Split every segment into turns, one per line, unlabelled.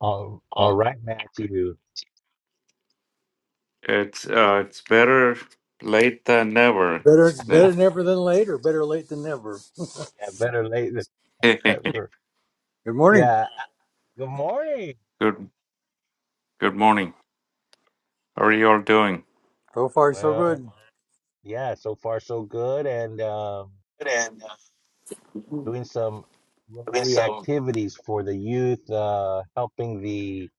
All, all
Oh.
right, Matthew.
It's uh, it's better late than never,
Better, better
isn't
never than later. Better late than never.
Yeah, better late than
it?
never.
Good morning.
Yeah. Good morning.
Good good morning. How are you all doing?
So far, so
Well,
good.
yeah, so far so good, and um,
Good and uh,
doing some
doing
Rotary
some.
activities for the youth, uh, helping the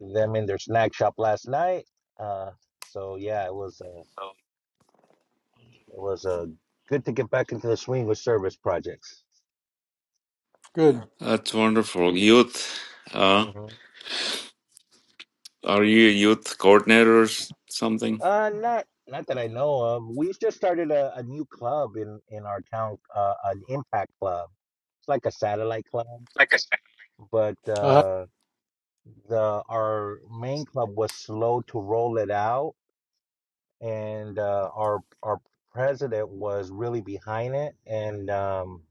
them in their snack shop last night. Uh, so yeah, it was uh,
uh,
it was uh, good to get back into the swing with service projects.
Good.
That's wonderful. Youth, uh,
Mm-hmm.
are you a youth coordinator or s- something?
Uh, not not that I know of. We just started a, a new club in in our town, uh, an impact club. It's like a satellite club,
Like I said.
but
Uh,
uh, the our main club was slow to roll it out, and uh, our our president was really behind it, and um,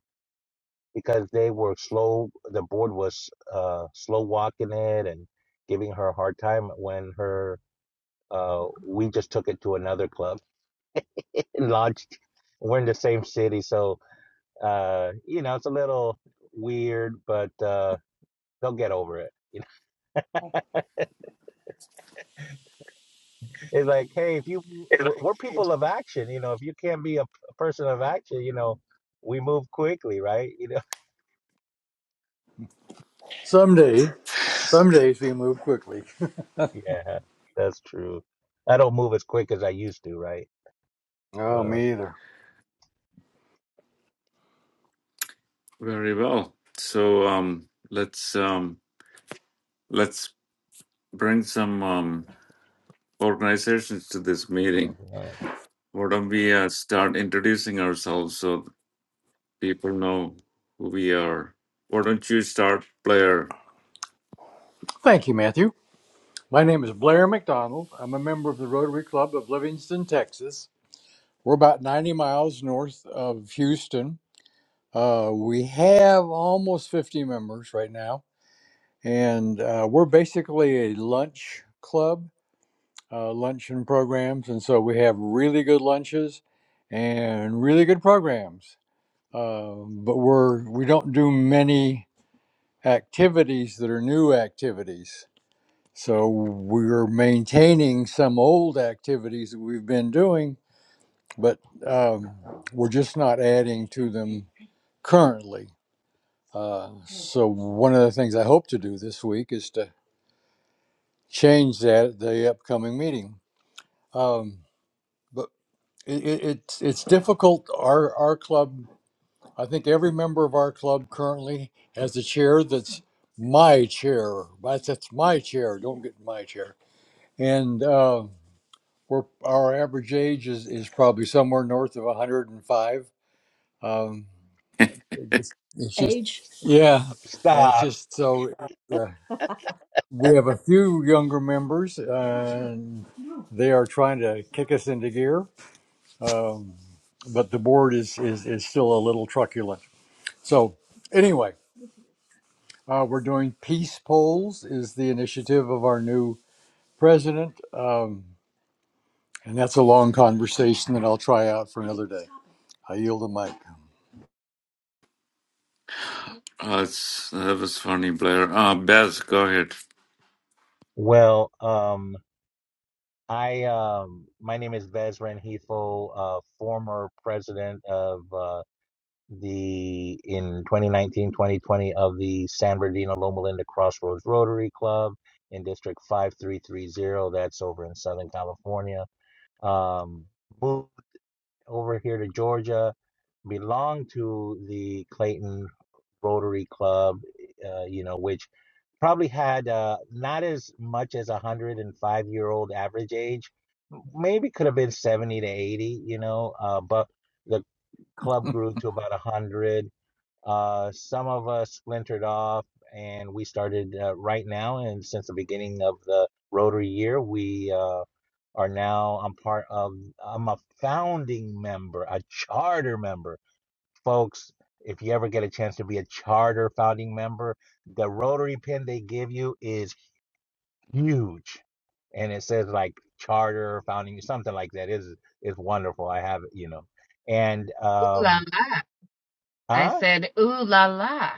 because they were slow, the board was uh, slow walking it and giving her a hard time when her uh, we just took it to another club. lodged. We're in the same city, so uh, you know it's a little weird, but uh, they'll get over it. You know, it's like, hey, if you
it's like-
we're people of action, you know, if you can't be a a person of action, you know, we move quickly, right? You know,
some days, some days we move quickly.
yeah, that's true. I don't move as quick as I used to, right?
Oh,
Uh,
me either.
Very well. So um, let's um, let's bring some um, organizations to this meeting.
uh,
Why don't we uh, start introducing ourselves? So. people know who we are. Why don't you start, Blair?
Thank you, Matthew. My name is Blair McDonald. I'm a member of the Rotary Club of Livingston, Texas. We're about 90 miles north of Houston. Uh, we have almost 50 members right now, and uh, we're basically a lunch club uh, luncheon programs, and so we have really good lunches and really good programs. Uh, but we're we don't do many activities that are new activities, so we're maintaining some old activities that we've been doing, but um, we're just not adding to them currently. Uh, so one of the things I hope to do this week is to change that at the upcoming meeting. Um, but it, it- it's it's difficult. Our our club, I think every member of our club currently has a chair that's my chair. That's, that's my chair. Don't get in my chair. And uh, we're our average age is, is probably somewhere north of 105. Um, it just, it's just Age. yeah, and it's
stop.
just so uh, we have a few younger members, uh, and they are trying to kick us into gear Um, but the board is, is, is still a little truculent. So anyway, uh, we're doing peace polls is the initiative of our new president. Um, and that's a long conversation that I'll try out for another day. I yield
Uh, it's, that was funny, Blair. Uh, Beth, go ahead.
Well, um, I um, my name is Vezran Heathel, uh, former president of. uh, the in 2019 2020 of the San Bernardino Loma Linda Crossroads Rotary Club in District 5330. That's over in Southern California. Um, moved over here to Georgia, belonged to the Clayton Rotary Club, uh, you know, which probably had uh, not as much as a 105 year old average age. Maybe could have been 70 to 80, you know, uh, but the club grew to about 100 uh, some of us splintered off, and we started uh, right now. And since the beginning of the Rotary year, we uh, are now. I'm part of. I'm a founding member, a charter member, folks. If you ever get a chance to be a charter founding member, the Rotary pin they give you is huge, and it says like charter founding, something like that. Is is wonderful. I have it, you know, and
Ooh la
um,
la. I
huh?
said, ooh la la.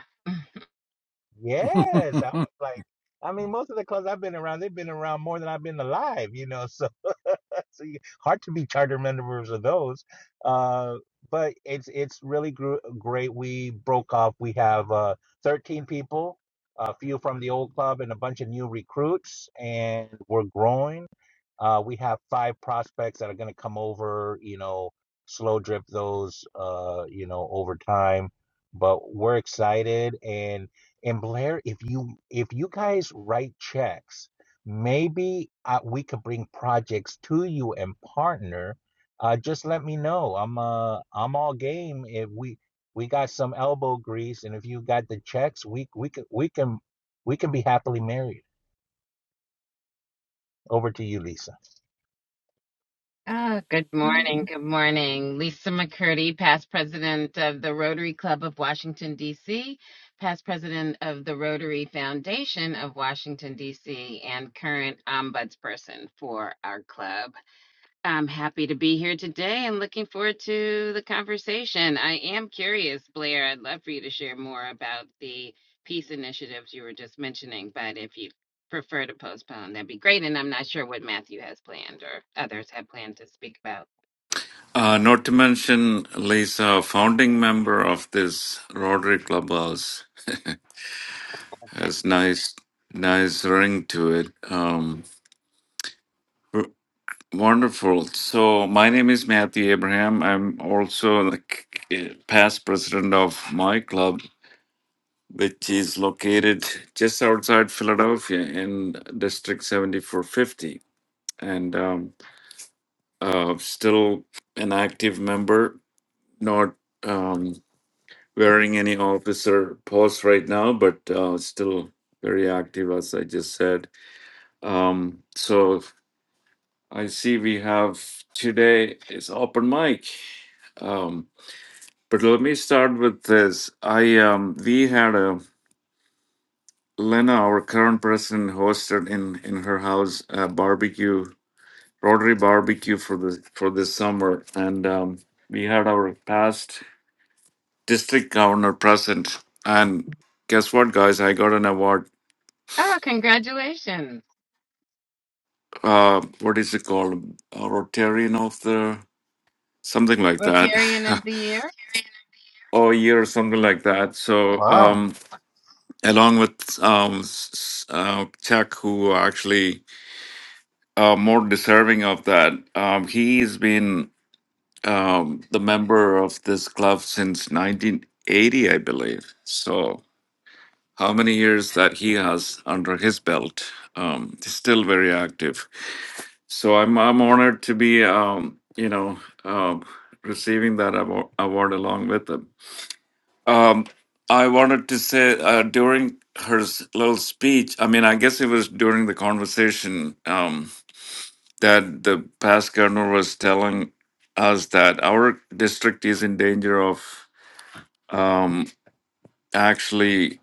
the
Yes, I
mic.
was like, I mean, most of the clubs I've been around, they've been around more than I've been alive, you know. So, so you, hard to be charter members of those. Uh, but it's it's really gr great. We broke off. We have uh, 13 people, a few from the old club, and a bunch of new recruits, and we're growing. Uh, we have five prospects that are going to come over, you know, slow drip those, uh, you know, over time. But we're excited. And, and Blair, if you, if you guys write checks, maybe uh, we could bring projects to you and partner. Uh, just let me know. I'm, uh, I'm all game. If we, we got some elbow grease and if you got the checks, we, we can, we can, we can be happily married. Over to you, Lisa.
Ah, good morning. Good morning. Lisa McCurdy, past president of the Rotary Club of Washington, D.C., past president of the Rotary Foundation of Washington, D.C., and current ombudsperson for our club. I'm happy to be here today and looking forward to the conversation. I am curious, Blair. I'd love for you to share more about the peace initiatives you were just mentioning, but if you prefer to postpone, that'd be great. And I'm not sure what Matthew has planned or others have planned to speak about.
Uh, not to mention Lisa, founding member of this Rotary Clubhouse, has nice, nice ring to it. Um, w- wonderful. So my name is Matthew Abraham. I'm also the c- c- past president of my club, which is located just outside Philadelphia in District 7450, and um, uh, still an active member, not um, wearing any officer post right now, but uh, still very active, as I just said. Um, so I see we have today is open mic. Um, but let me start with this. I um, we had a Lena, our current president, hosted in in her house a barbecue, Rotary barbecue for the for this summer, and um, we had our past district governor present. And guess what, guys? I got an award.
Oh, congratulations.
Uh, what is it called? A Rotarian of the something like that,
Rotarian of the Year.
or year, something like
Oh,
that.
wow.
So,
Wow.
um, along with um, s- s- uh, Chuck, who actually uh, more deserving of that. Um, he's been um, the member of this club since 1980, I believe. So, how many years that he has under his belt? Um, he's still very active. So, I'm I'm honored to be um, you know um, receiving that award, award along with him. Um, I wanted to say uh, during her s- little speech. I mean, I guess it was during the conversation. Um, that the past governor was telling us that our district is in danger of um, actually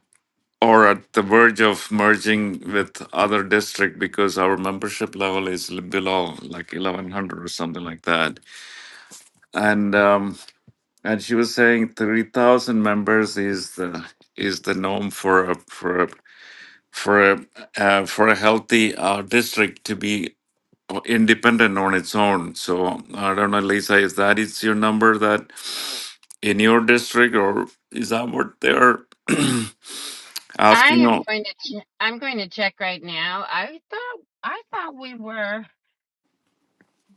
or at the verge of merging with other district because our membership level is l- below like 1100 or something like that and um, and she was saying 3000 members is the is the norm for a for a for a uh, for a healthy uh, district to be independent on its own. So I don't know, Lisa, is that is your number that in your district, or is that what they're
I
asking?
am
Oh,
going to che- I'm going to check right now. I thought I thought we were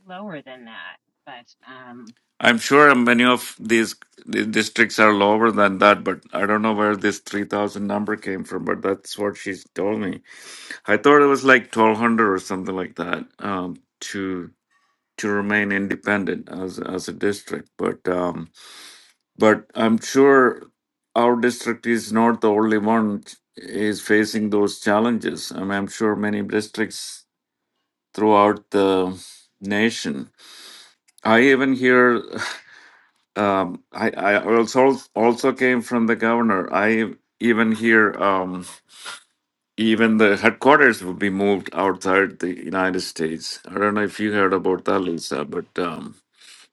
lower than that, but um.
I'm sure many of these the districts are lower than that, but I don't know where this 3,000 number came from, but that's what she's told me. I thought it was like 1,200 or something like that um, to to remain independent as as a district, but. Um, but I'm sure our district is not the only one ch- is facing those challenges. I mean, I'm sure many districts throughout the nation. I even hear. Um, I I also also came from the governor. I even hear um, even the headquarters will be moved outside the United States. I don't know if you heard about that, Lisa, but um,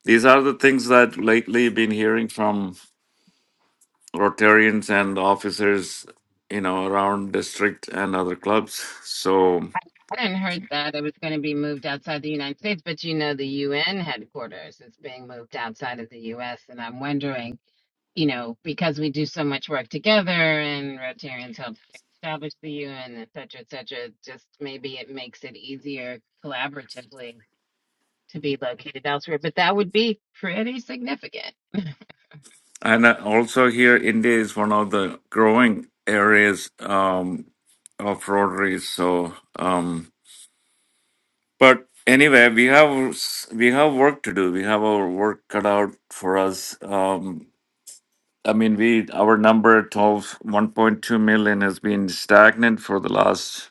these are the things that lately been hearing from Rotarians and officers, you know, around district and other clubs. So,
I hadn't heard that it was going to be moved outside the United States, but you know, the UN headquarters is being moved outside of the US. And I'm wondering, you know, because we do so much work together and Rotarians helped establish the UN, et cetera, et cetera, just maybe it makes it easier collaboratively to be located elsewhere. But that would be pretty significant.
and uh, also here, India is one of the growing areas um, of Rotary. So, um, but anyway, we have we have work to do. We have our work cut out for us. Um, I mean, we our number twelve one point two million has been stagnant for the last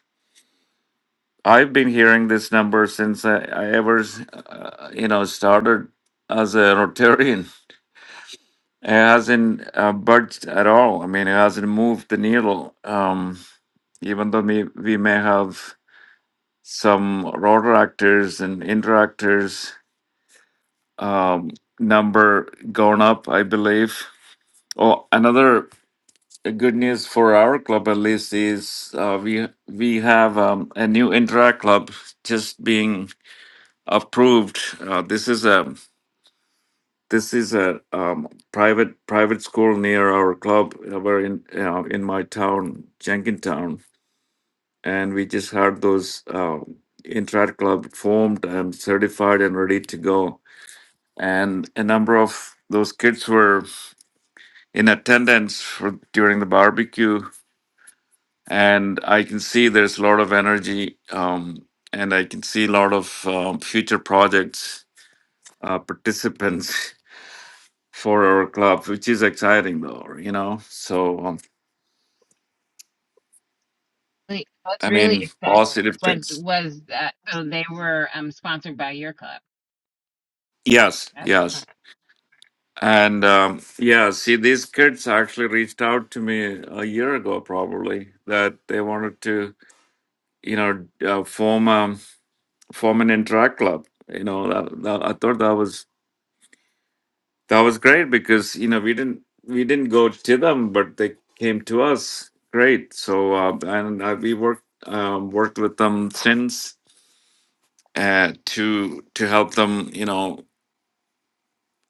I've been hearing this number since I, I ever, uh, you know, started as a Rotarian. It hasn't uh, budged at all. I mean, it hasn't moved the needle. Um, even though we, we may have some Rotaractors and Interactors um, number gone up, I believe. Oh, another good news for our club, at least, is uh, we we have um, a new Interact club just being approved. Uh, this is a this is a um, private private school near our club. uh, We're in uh, in my town, Jenkintown, and we just had those uh, interact club formed and certified and ready to go. And a number of those kids were in attendance for, during the barbecue, and I can see there's a lot of energy, um, and I can see a lot of um, future projects uh, participants for our club, which is exciting though, you know. So um,
Like, What's
I
really
mean,
exciting
positive
was
things.
was that so they were um, sponsored by your club.
Yes,
That's fun.
yes, and um, yeah. See, these kids actually reached out to me a year ago, probably that they wanted to, you know, uh, form um, form an interact club. You know, that, that, I thought that was that was great because you know we didn't we didn't go to them, but they came to us. Great. So uh, and uh, we worked um, worked with them since uh, to to help them, you know,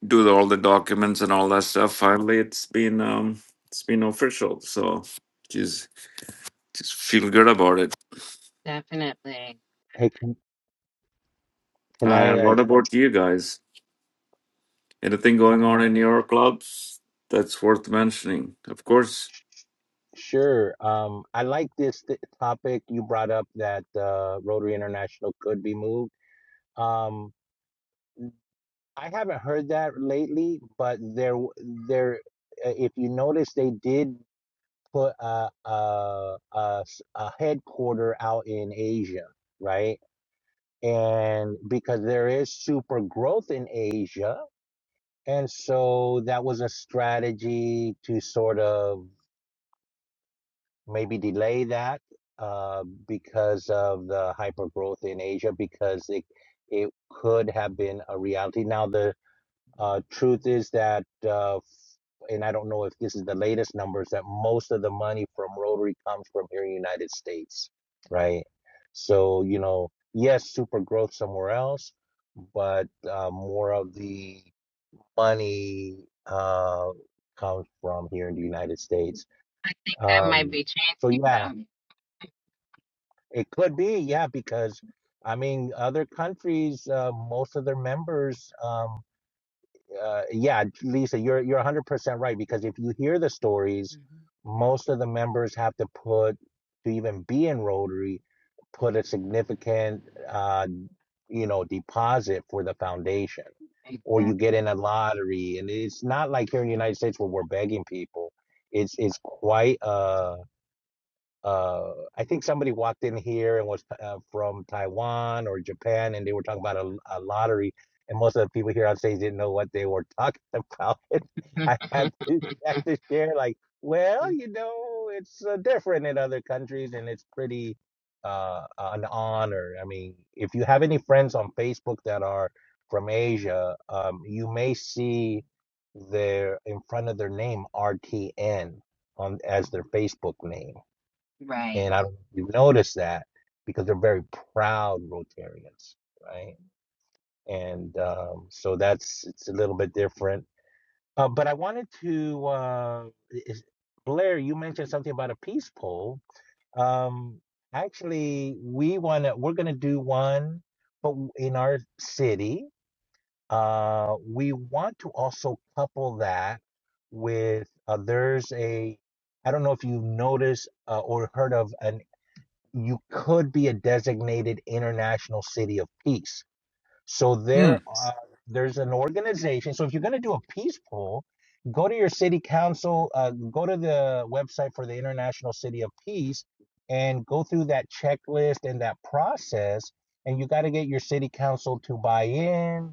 do the, all the documents and all that stuff. Finally, it's been um, it's been official, so just just feel good about it.
definitely.
Hey, can, can I
And
uh,
what about you guys? Anything going
Uh,
on in your clubs that's worth mentioning? Of course.
sure. Um, I like this th- topic you brought up that uh, Rotary International could be moved. Um, I haven't heard that lately, but there, w- there. uh, If you notice, they did put a a, a s- a headquarter out in Asia, right? And because there is super growth in Asia, and so that was a strategy to sort of maybe delay that uh, because of the hypergrowth in Asia, because it it could have been a reality. Now the uh, truth is that, uh, and I don't know if this is the latest numbers, that most of the money from Rotary comes from here in the United States, right? So you know, yes, super growth somewhere else, but uh, more of the money uh, comes from here in the United States.
I think that might
Um,
be
so
changing
yeah,
them.
It could be, yeah, because I mean, other countries, uh, most of their members, um, uh, yeah, Lisa, you're you're 100% right because if you hear the stories, most of the members have to put to even be in Rotary, put a significant, uh, you know, deposit for the foundation, or
Mhm.
you get in a lottery, and it's not like here in the United States where we're begging people. It's it's quite uh uh, I think somebody walked in here and was uh, from Taiwan or Japan, and they were talking about a, a lottery, and most of the people here on stage didn't know what they were talking about. I had to, had to share, like, well, you know, it's uh, different in other countries, and it's pretty uh, an honor. I mean, if you have any friends on Facebook that are from Asia, um, you may see their in front of their name RTN on as their Facebook name
right.
and I don't know if you've noticed that because they're very proud Rotarians, right? And um, so that's it's a little bit different. Uh, but I wanted to, uh, is, Blair, you mentioned something about a peace poll. Um, actually, we wanna we're gonna do one, but w- in our city, uh, we want to also couple that with uh, there's a I don't know if you've noticed uh, or heard of an you could be a designated international city of peace. So
hmm.
there, uh, there's an organization. So if you're going to do a peace poll, go to your city council, uh, go to the website for the International City of Peace, and go through that checklist and that process. And you got to get your city council to buy in.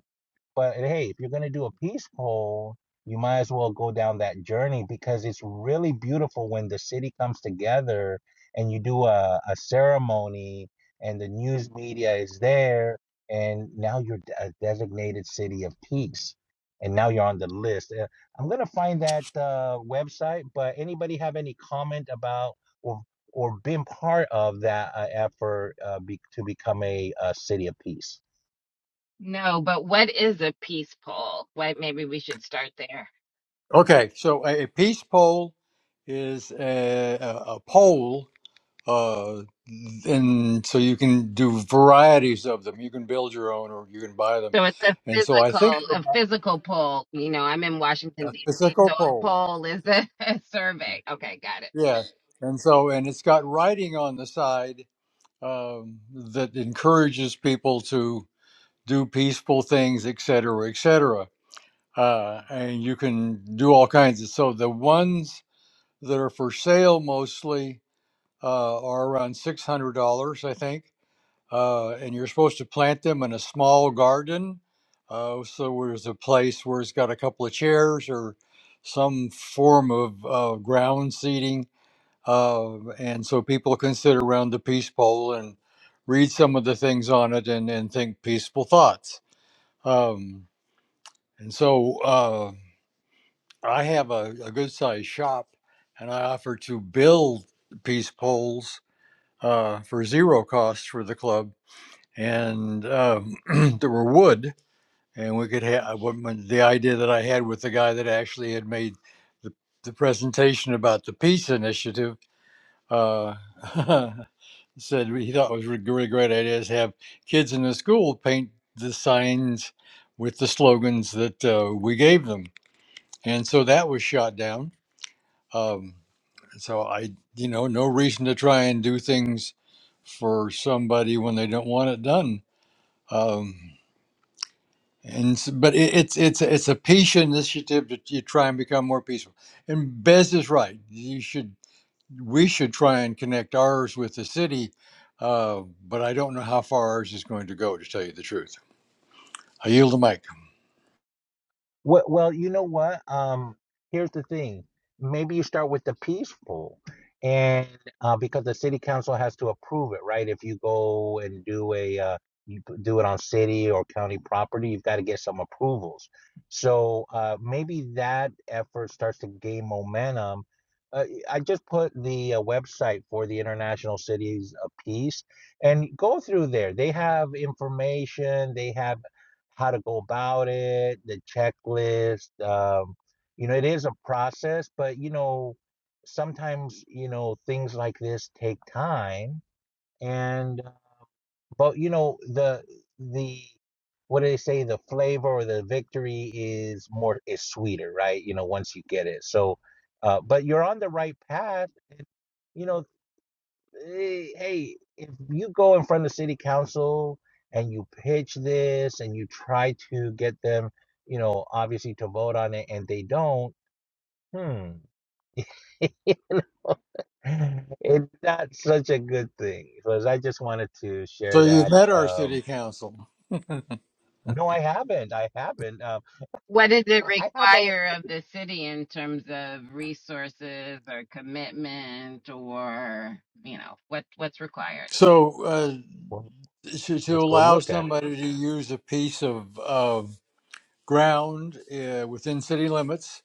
But hey, if you're going to do a peace poll, you might as well go down that journey because it's really beautiful when the city comes together and you do a, a ceremony and the news media is there. And now you're a designated city of peace. And now you're on the list. Uh, I'm going to find that uh, website, but anybody have any comment about or, or been part of that uh, effort uh, be, to become a, uh city of peace?
No, but what is a peace pole? What maybe we should start there.
Okay, so a, a peace poll is a, a, a poll, uh, and so you can do varieties of them. You can build your own, or you can buy them.
So it's a
And so I
physical,
think
a physical poll. You know, I'm in Washington
a
D.C.,
physical
so a
pole.
poll is a, a survey. Okay, got it.
Yeah. And so, and it's got writing on the side um, that encourages people to do peaceful things, et cetera, et cetera. Uh, and you can do all kinds of. So the ones that are for sale mostly uh, are around six hundred dollars, I think. Uh, and you're supposed to plant them in a small garden. Uh, so there's a place where it's got a couple of chairs or some form of uh, ground seating Um, and so people can sit around the peace pole and read some of the things on it and, and think peaceful thoughts. Um, and so uh, I have a, a good sized shop and I offer to build peace poles uh, for zero cost for the club. And um, there were wood. And we could have the idea that I had with the guy that actually had made the, the presentation about the peace initiative. Uh, He said he thought it was a really great idea to have kids in the school paint the signs with the slogans that uh, we gave them, and so that was shot down. Um, so I, you know, no reason to try and do things for somebody when they don't want it done. Um, and s- but it, it's it's it's a peace initiative to, to try and become more peaceful. And Bez is right. You should we should try and connect ours with the city, uh, but I don't know how far ours is going to go, to tell you the truth. I yield the mic.
Well, well, you know what? Um, here's the thing. Maybe you start with the peaceful, and uh, because the city council has to approve it, right? If you go and do a uh, you p- do it on city or county property, you've got to get some approvals. So uh, maybe that effort starts to gain momentum. Uh, y- I just put the uh, website for the International Cities of Peace and go through there. They have information. They have how to go about it, the checklist. Um, you know, it is a process, but you know, sometimes you know things like this take time. And uh, but you know the the what do they say? The flavor or the victory is more is sweeter, right? You know, once you get it. So, uh, but you're on the right path. You know hey, hey, if you go in front of the city council and you pitch this and you try to get them, you know, obviously to vote on it and they don't, hmm, it's not such a good thing. Because I just wanted to
So
share
you've
that.
met our
Um,
city council.
no, I haven't. I haven't. Um,
What does it
I have a.
require of the city in terms of resources or commitment, or you know, what what's required?
So uh,
Well,
to, to
let's go
allow
look at it.
somebody to use a piece of, of ground uh, within city limits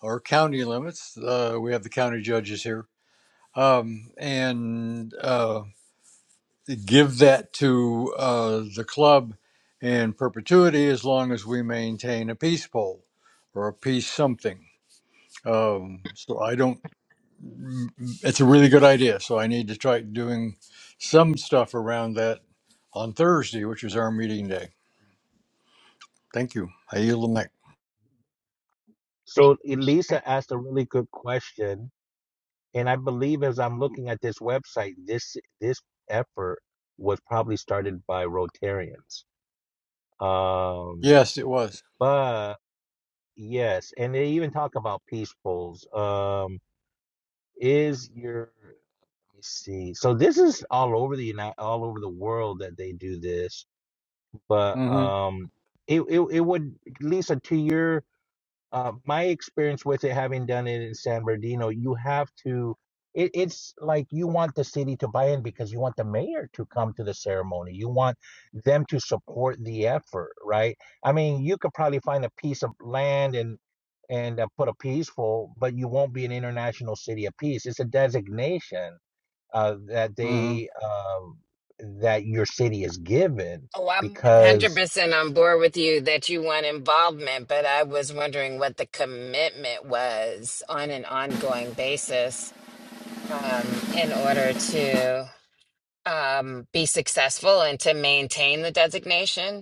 or county limits, uh, we have the county judges here, um, and uh, give that to uh, the club in perpetuity as long as we maintain a peace poll or a peace something. Um, so I don't. mm, It's a really good idea. So I need to try doing some stuff around that on Thursday, which is our meeting day. Thank you. I yield the mic.
So Elisa asked a really good question And I believe as I'm looking at this website, this this effort was probably started by Rotarians. Um,
Yes, it was.
but yes, and they even talk about peacefuls. Um, is your let me see. So this is all over the United, all over the world that they do this. But
Mm-hmm.
um, it, it it would Lisa to your uh, my experience with it, having done it in San Bernardino, you have to. It, it's like you want the city to buy in because you want the mayor to come to the ceremony. You want them to support the effort, right? I mean, you could probably find a piece of land and and uh, put a peaceful, but you won't be an international city of peace. It's a designation uh, that they
Mm-hmm.
um, that your city is given
Oh, I'm
because
100% on board with you that you want involvement, but I was wondering what the commitment was on an ongoing basis um, in order to um, be successful and to maintain the designation.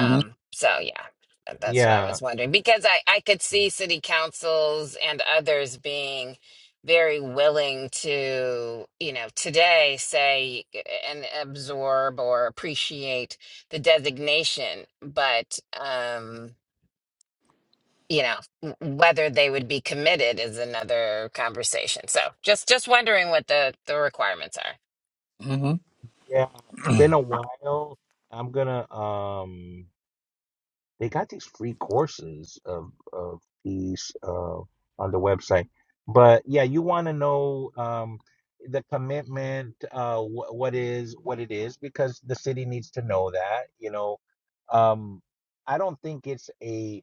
Mm-hmm.
so yeah, that- that's what I
yeah.
was wondering because I, I could see city councils and others being very willing to, you know, today say uh, and absorb or appreciate the designation, but um, you know, w- whether they would be committed is another conversation. So just just wondering what the the requirements are.
mm hmm
Yeah, it's been a while. I'm gonna um they got these free courses of of these uh on the website. But yeah, you want to know um the commitment uh wh- what is what it is because the city needs to know that, you know. Um I don't think it's a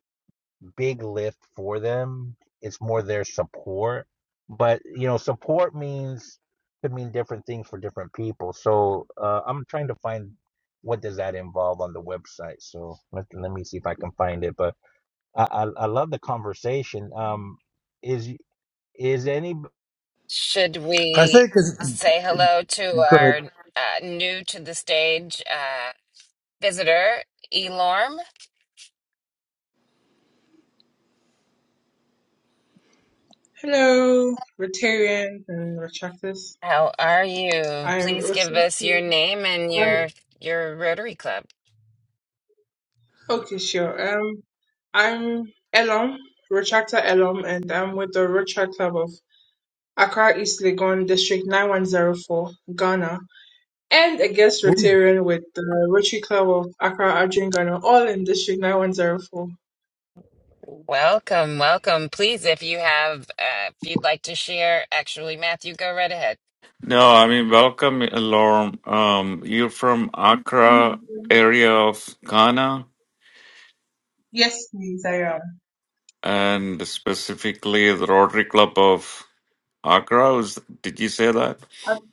big lift for them. It's more their support. But you know, support means could mean different things for different people. So uh, I'm trying to find what does that involve on the website. So let, let me see if I can find it. But I, I, I love the conversation. Um, is is any?
Should
I
we
think. It's,
say hello to
go
our uh, new to the stage uh, visitor, Elorm?
Hello, Rotarians and Retractors.
How are you?
I'm
Please give us
Retractor.
your name and
i
your your Rotary Club.
okay, sure. Um, I'm Elom, Retractor Elom, and I'm with the Retract Club of Accra East Legon District 9104, Ghana, and a guest Rotarian with the Rotary Club of Accra Adrian Ghana, all in District 9104.
Welcome, welcome. Please, if you have, uh, if you'd like to share, actually, Matthew, go right ahead.
No, I mean, welcome, Lorm. Um, you're from Accra area of Ghana,
Yes, please, I am.
and specifically the Rotary Club of Accra. Was, did you say that?
Ac-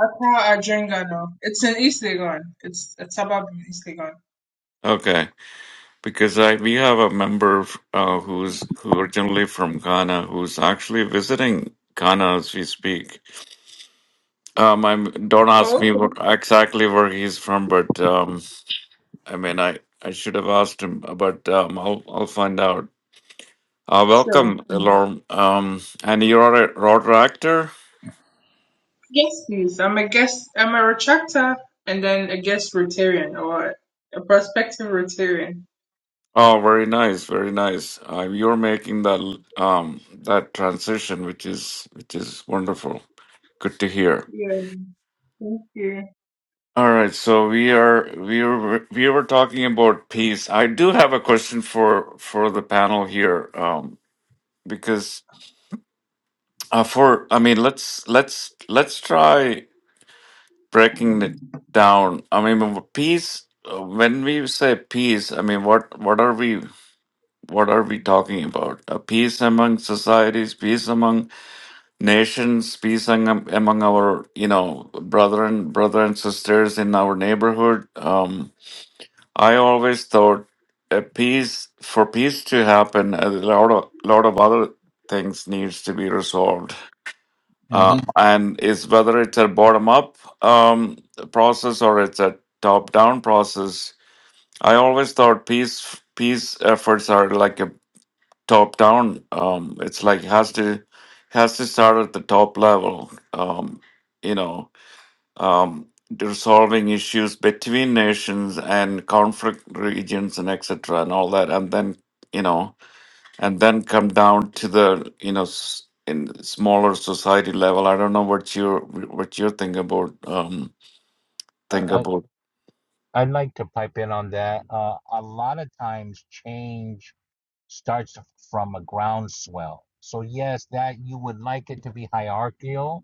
Accra Adrian Ghana. It's in East Legon. It's a suburb in East Legon.
Okay. because I we have a member uh, who's who originally from Ghana who's actually visiting Ghana as we speak. Um, I'm don't ask
Oh,
me
okay.
what, exactly where he's from, but um, I mean I I should have asked him, but um, I'll I'll find out. Uh,
Sure.
welcome, Elorm. Um, and you're a rotor actor.
Yes, please. I'm a guest. I'm a retractor and then a guest Rotarian or a prospective Rotarian.
Oh, very nice, very nice. Uh, you're making that um that transition, which is which is wonderful. Good to hear.
Yeah, thank you.
All right, so we are we were we were talking about peace. I do have a question for for the panel here, um, because uh, for I mean, let's let's let's try breaking it down. I mean, peace. uh, When we say peace, I mean, what what are we what are we talking about? Uh, peace among societies, peace among nations, peace among, among our you know brethren, brother and sisters in our neighborhood. Um, I always thought a peace for peace to happen, a lot of lot of other things needs to be resolved.
ahead.
Uh, and it's whether it's a bottom up um, process or it's a top down process. I always thought peace peace efforts are like a top down. Um, it's like has to has to start at the top level. Um, you know um, resolving issues between nations and conflict regions and etc. and all that, and then you know, and then come down to the you know s- in smaller society level. I don't know what you're what you're thinking about. Um, think
uh,
about.
I'd like to pipe in on that. Uh, a lot of times, change starts from a groundswell. So yes, that you would like it to be hierarchical,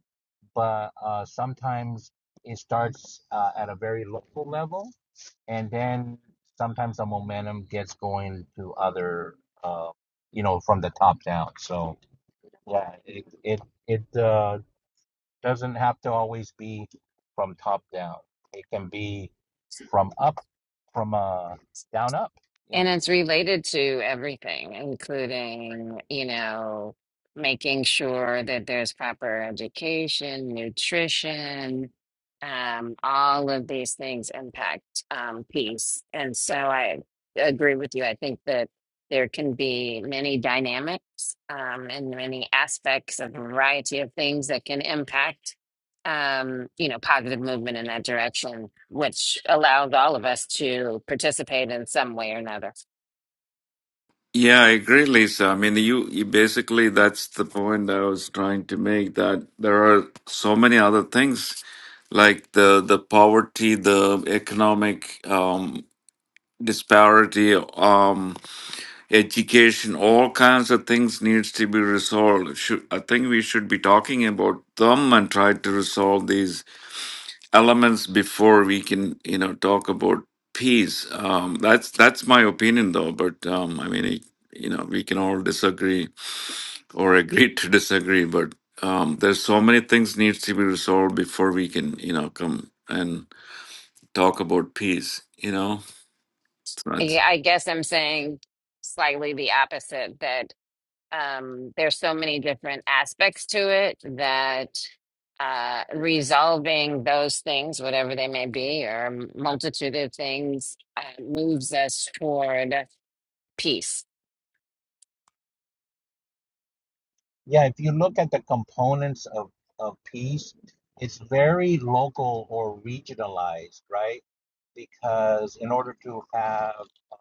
but uh, sometimes it starts uh, at a very local level, and then sometimes the momentum gets going to other, uh, you know, from the top down. So yeah, it it it uh, doesn't have to always be from top down. It can be from up from uh down up yeah
And it's related to everything, including, you know, making sure that there's proper education, nutrition, um, all of these things impact um, peace. And so I agree with you. I think that there can be many dynamics um, and many aspects of a variety of things that can impact, um, you know, positive movement in that direction, which allows all of us to participate in some way or another.
Yeah, I agree, Lisa. I mean, you, you basically that's the point I was trying to make that there are so many other things like the the poverty, the economic um, disparity. Um, education, all kinds of things needs to be resolved. Should, I think we should be talking about them and try to resolve these elements before we can, you know, talk about peace. Um, that's that's my opinion, though. But um, I mean, it, you know, we can all disagree or agree to disagree. But um, there's so many things needs to be resolved before we can, you know, come and talk about peace. You know, so
I
that's
I guess I'm saying slightly the opposite that um, there's so many different aspects to it that uh, resolving those things, whatever they may be, or a multitude of things, uh, moves us toward peace.
yeah if you look at the components of of peace it's very local or regionalized right because in order to have uh,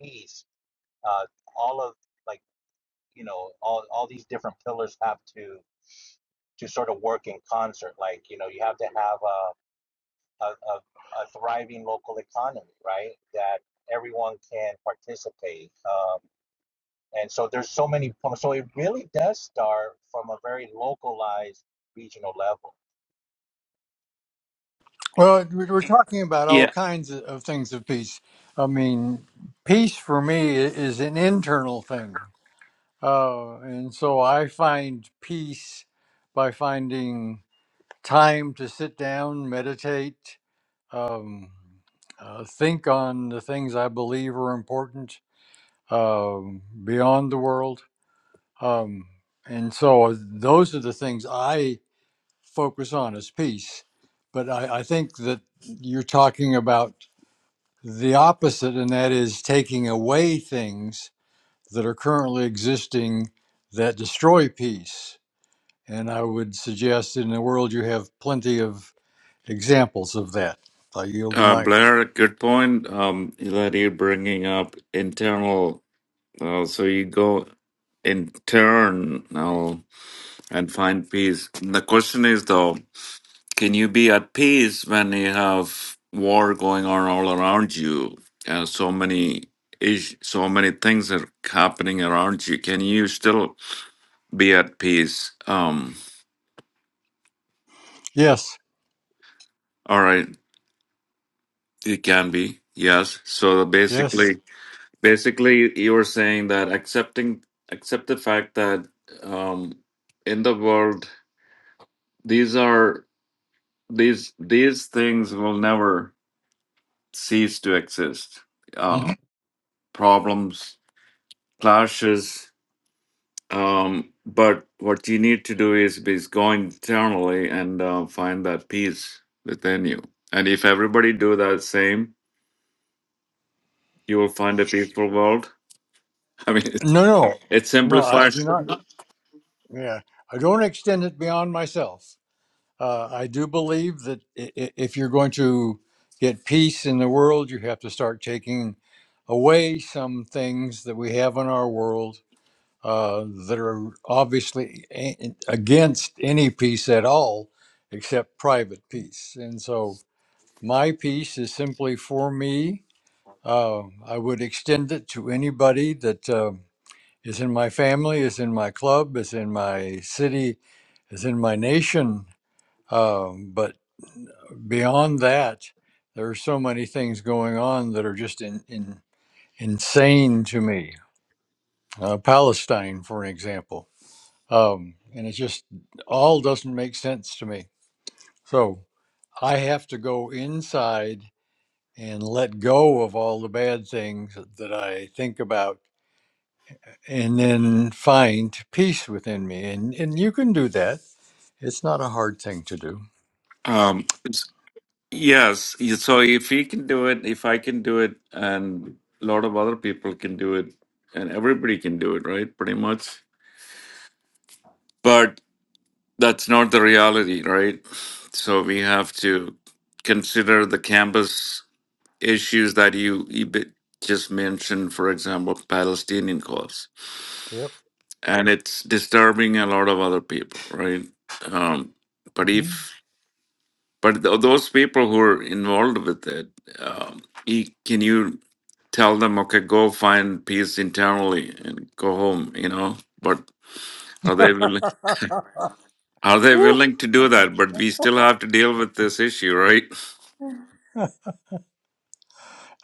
peace uh all of like you know all all these different pillars have to to sort of work in concert like you know you have to have a a, a, a thriving local economy right that everyone can participate Um, And so there's so many So it really does start from a very localized regional level.
Well, we- we're talking about all kinds of of things of peace. I mean, peace for me i- is an internal thing. Uh, and so I find peace by finding time to sit down, meditate, um, uh, think on the things I believe are important um, beyond the world. Um, and so those are the things I focus on as peace. But I, I think that you're talking about the opposite, and that is taking away things that are currently existing that destroy peace. And I would suggest in the world you have plenty of examples of that. I yield the
Uh,
mic.
Blair, good point um, that you're bringing up internal. Uh, so you go internal and find peace. The question is, though, can you be at peace when you have war going on all around you? Uh, so many is so many things are happening around you. Can you still be at peace? Um,
Yes,
all right, you can be. Yes. So basically,
yes.
Basically, you were saying that accepting accept the fact that um, in the world these are these these things will never cease to exist. Uh,
Mhm.
problems, clashes. Um, but what you need to do is be is go internally and uh, find that peace within you. And if everybody do that same, you will find a peaceful world. I mean, it's,
No, no,
it's
no, I
simplified.
do not. Yeah, I don't extend it beyond myself. Uh, I do believe that i- i- if you're going to get peace in the world, you have to start taking away some things that we have in our world uh, that are obviously a- against any peace at all except private peace. And so my peace is simply for me. Uh, I would extend it to anybody that uh, is in my family, is in my club, is in my city, is in my nation. Um, but beyond that, there are so many things going on that are just in, in, insane to me. Uh, Palestine, for an example um, and it just all doesn't make sense to me. So I have to go inside and let go of all the bad things that I think about, and then find peace within me. And and you can do that. It's not a hard thing to do.
Um, Yes. y- So if he can do it, if I can do it, and a lot of other people can do it, and everybody can do it, right? Pretty much. But that's not the reality, right? So we have to consider the campus issues that you, you bi- just mentioned, for example, Palestinian cause.
Yep.
And it's disturbing a lot of other people, right? Um, but
Mhm.
if But th- those people who are involved with it, um, e- can you tell them, okay, go find peace internally and go home? You know, but are they willing? Are they
Woo.
willing to do that? But we still have to deal with this issue, right?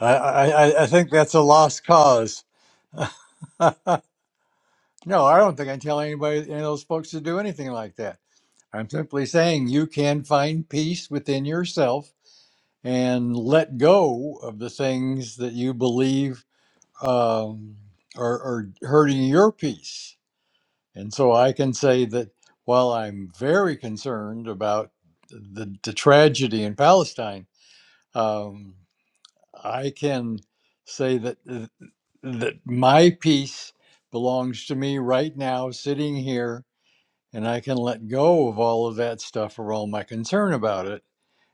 I, I I I think that's a lost cause. no, I don't think I tell anybody any of those folks to do anything like that. I'm simply saying you can find peace within yourself and let go of the things that you believe um, are, are hurting your peace. And so I can say that while I'm very concerned about the, the tragedy in Palestine, um, I can say that uh, that my peace belongs to me right now, sitting here, and I can let go of all of that stuff or all my concern about it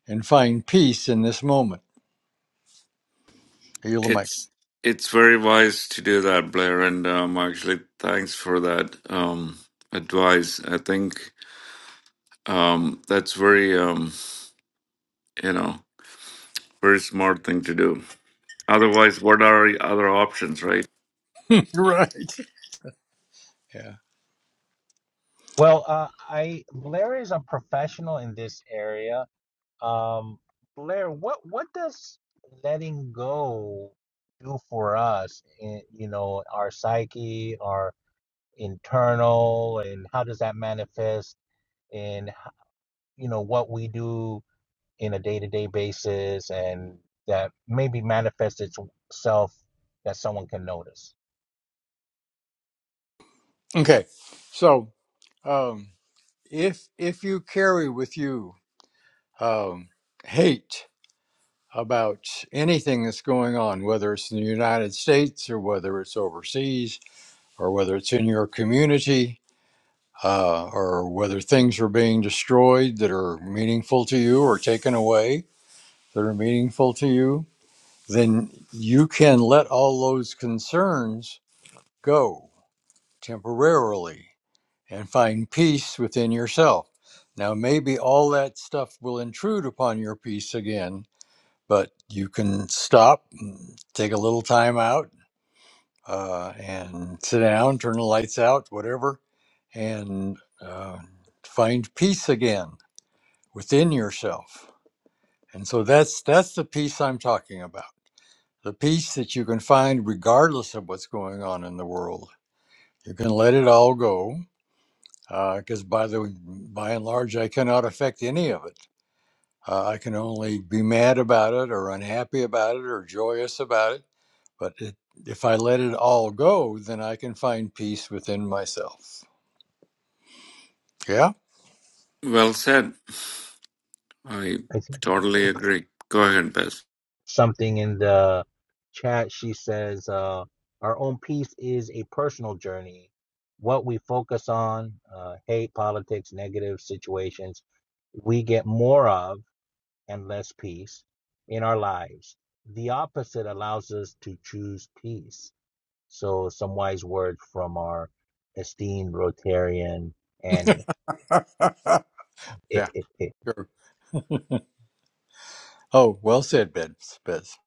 and find peace in this moment. I yield the mic.
It's it's very wise to do that, Blair, and um, actually, thanks for that um, advice. I think um, that's very, um, you know, very smart thing to do. Otherwise, what are other options, right?
Right. Yeah.
Well, uh, I Blair is a professional in this area. Um, Blair, what what does letting go do for us? In, you know, our psyche, our internal, and how does that manifest in h- you know what we do in a day to day basis, and that maybe manifests itself that someone can notice.
Okay. So, um, if if you carry with you um, hate about anything that's going on, whether it's in the United States or whether it's overseas or whether it's in your community uh, or whether things are being destroyed that are meaningful to you or taken away that are meaningful to you, then you can let all those concerns go temporarily and find peace within yourself. Now, maybe all that stuff will intrude upon your peace again, but you can stop, and take a little time out, uh, and sit down, turn the lights out, whatever, and uh, find peace again within yourself. And so that's that's the peace I'm talking about. The peace that you can find regardless of what's going on in the world. You can let it all go because uh, by the by and large, I cannot affect any of it. Uh, I can only be mad about it, or unhappy about it, or joyous about it. But it, if I let it all go, then I can find peace within myself. Yeah,
Well said. I
I think
totally
Annie put
agree. Go ahead, Beth.
something in the chat. She says, uh, Our own peace is a personal journey. What we focus on, uh, hate, politics, negative situations, we get more of and less peace in our lives. The opposite allows us to choose peace. So, some wise words from our esteemed Rotarian Annie.
yeah, sure. Oh, well said, Bez. Bez.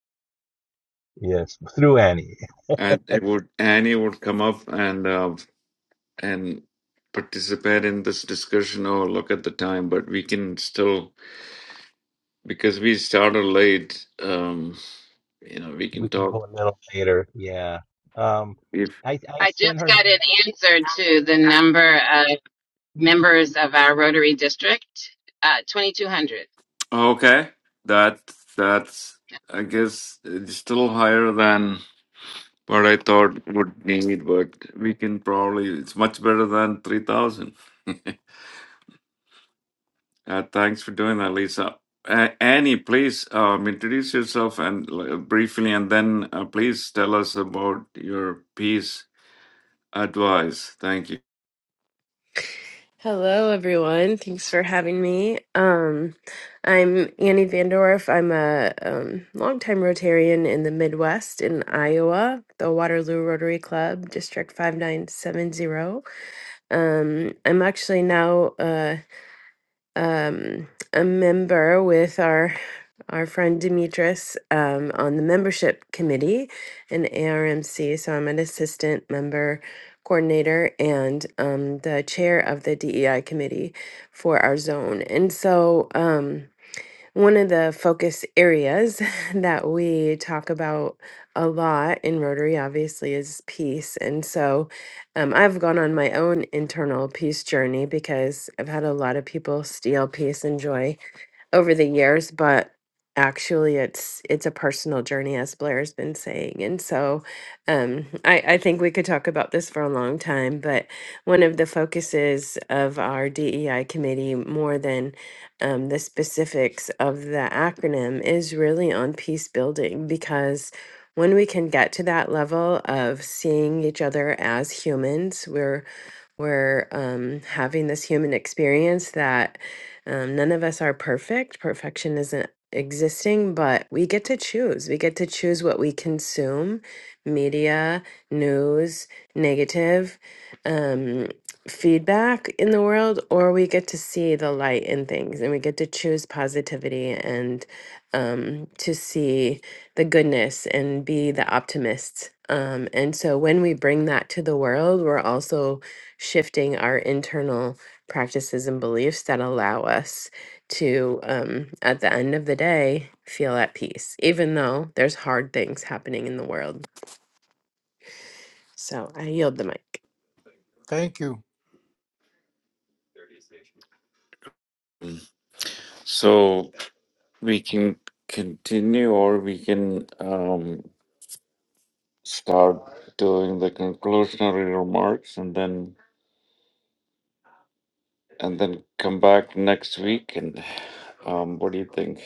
yes, through Annie.
And it would Annie would come up and uh, and participate in this discussion. Oh, look at the time, but we can still because we started late. Um, you know, we can
We can
talk
go a little later. Yeah. Um,
if
I I
I
sent
just
her.
got
name-
an answer to the number of members of our Rotary District, uh, 2,200.
okay. That that's I guess it's still higher than what I thought would need, but we can probably it's much better than three thousand. Uh, thanks for doing that, Lisa. Uh, Annie, please um, introduce yourself and l- briefly, and then uh, please tell us about your peace advice. Thank you.
Hello, everyone. Thanks for having me. Um, I'm Annie Vandorf. I'm a um, longtime Rotarian in the Midwest in Iowa, the Waterloo Rotary Club, District 5970. Um, I'm actually now uh, um, a member with our our friend Demetris um, on the membership committee in ARMC. So I'm an assistant member coordinator and um, the chair of the DEI committee for our zone. And so um, one of the focus areas that we talk about a lot in Rotary, obviously, is peace. And so um, I've gone on my own internal peace journey because I've had a lot of people steal peace and joy over the years, but actually it's it's a personal journey as Blair's been saying. And so um I, I think we could talk about this for a long time, but one of the focuses of our DEI committee more than um, the specifics of the acronym is really on peace building because when we can get to that level of seeing each other as humans, we're um, having this human experience that um, none of us are perfect. Perfection isn't existing, but we get to choose. We get to choose what we consume media, news, negative um, feedback in the world, or we get to see the light in things and we get to choose positivity and um, to see the goodness and be the optimists. Um, and so when we bring that to the world, we're also shifting our internal practices and beliefs that allow us to, um, at the end of the day, feel at peace, even though there's hard things happening in the world. So I yield the mic.
Thank you.
So we can continue, or we can um, start doing the conclusionary remarks, and then and then come back next week. And um, what do you think?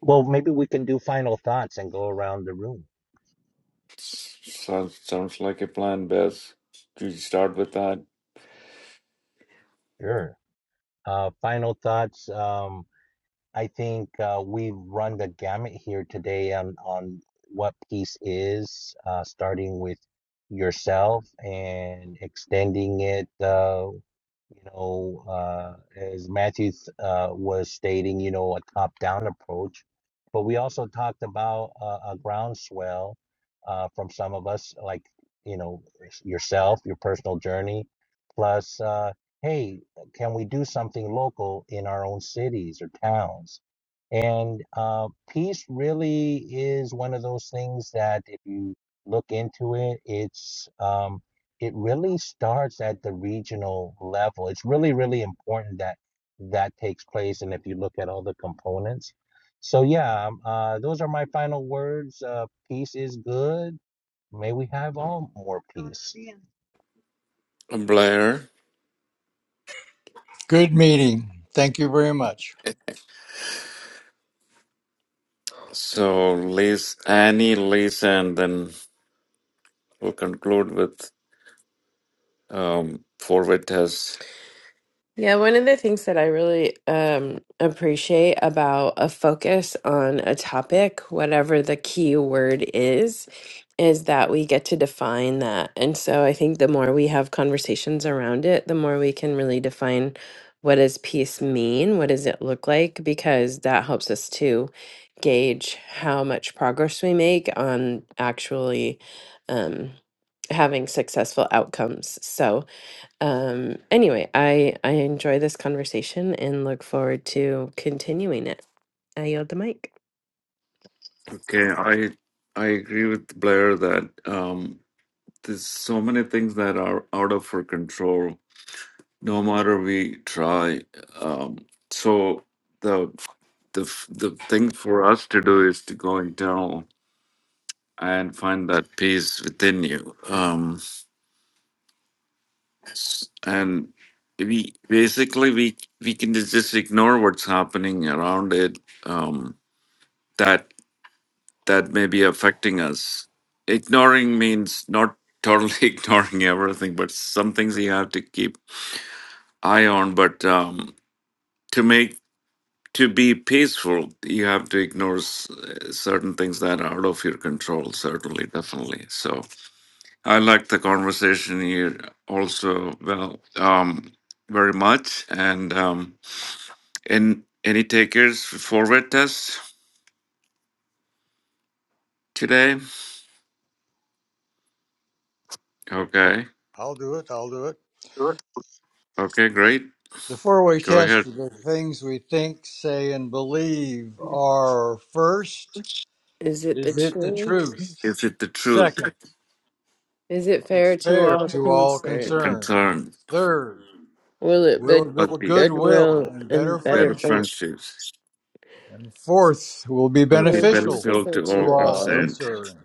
Well, maybe we can do final thoughts and go around the room.
Sounds sounds like a plan, Bess. Should we start with that,
Sure. Uh, final thoughts. Um, I think uh, we've run the gamut here today on on what peace is, uh, starting with yourself and extending it. Uh, you know, uh, as Matthew uh, was stating, you know, a top-down approach. But we also talked about uh, a groundswell uh, from some of us, like, you know, yourself, your personal journey, plus, uh, hey, can we do something local in our own cities or towns? And uh, peace really is one of those things that if you look into it, it's um, it really starts at the regional level. It's really, really important that that takes place. And if you look at all the components, so yeah, um, uh, those are my final words. Uh, peace is good. May we have all more peace.
Blair?
Good meeting. Thank you very much.
So Liz, Annie, Liz, and then we'll conclude with um, forward test.
Yeah, one of the things that I really um, appreciate about a focus on a topic, whatever the key word is, is that we get to define that. And so I think the more we have conversations around it, the more we can really define what does peace mean? What does it look like? Because that helps us to gauge how much progress we make on actually um, having successful outcomes. So, um, anyway, I I enjoy this conversation and look forward to continuing it. I yield the mic.
Okay, I I agree with Blair that um, there's so many things that are out of our control. No matter we try, um, so the the f- the thing for us to do is to go internal and find that peace within you. Um, Yes, and we basically we we can just ignore what's happening around it um that that may be affecting us ignoring means not totally ignoring everything but some things you have to keep eye on but um to make to be peaceful you have to ignore s- certain things that are out of your control certainly definitely so i like the conversation here also well um very much and um And any takers for forward test today? Okay.
I'll do it. I'll do it.
Sure. Okay, great.
The four-way
Go
test
ahead.
for the things we think, say, and believe are first.
Is it the
Is it the
truth?
truth?
Is it the truth,
Second,
Is it
it's
fair to
fair
all
to all
the
concerned?
concerned.
concern,
Third,
Will it
will
be
or
build
the
goodwill
goodwill and better
and better
better
friendship.
friendship?
friendships,
And fourth, will be
or the
Will it be
beneficial
benefit to
different
to
all
to
all
all?
concerned?
concerned.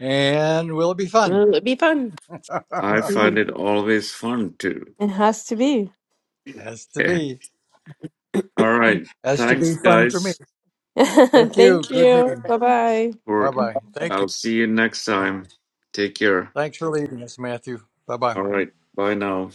And will be fun.
Will it be fun.
I find it always fun too.
It has to be.
Has to
Okay.
be.
all right.
Has to be
Thanks,
fun for me.
guys.
Thank you.
Thank
Good
you.
meeting.
Bye bye.
Bye
For
bye. Thank you.
I'll see you next time. Take care.
Thanks for leading us, Matthew. Bye bye.
All right. Bye now.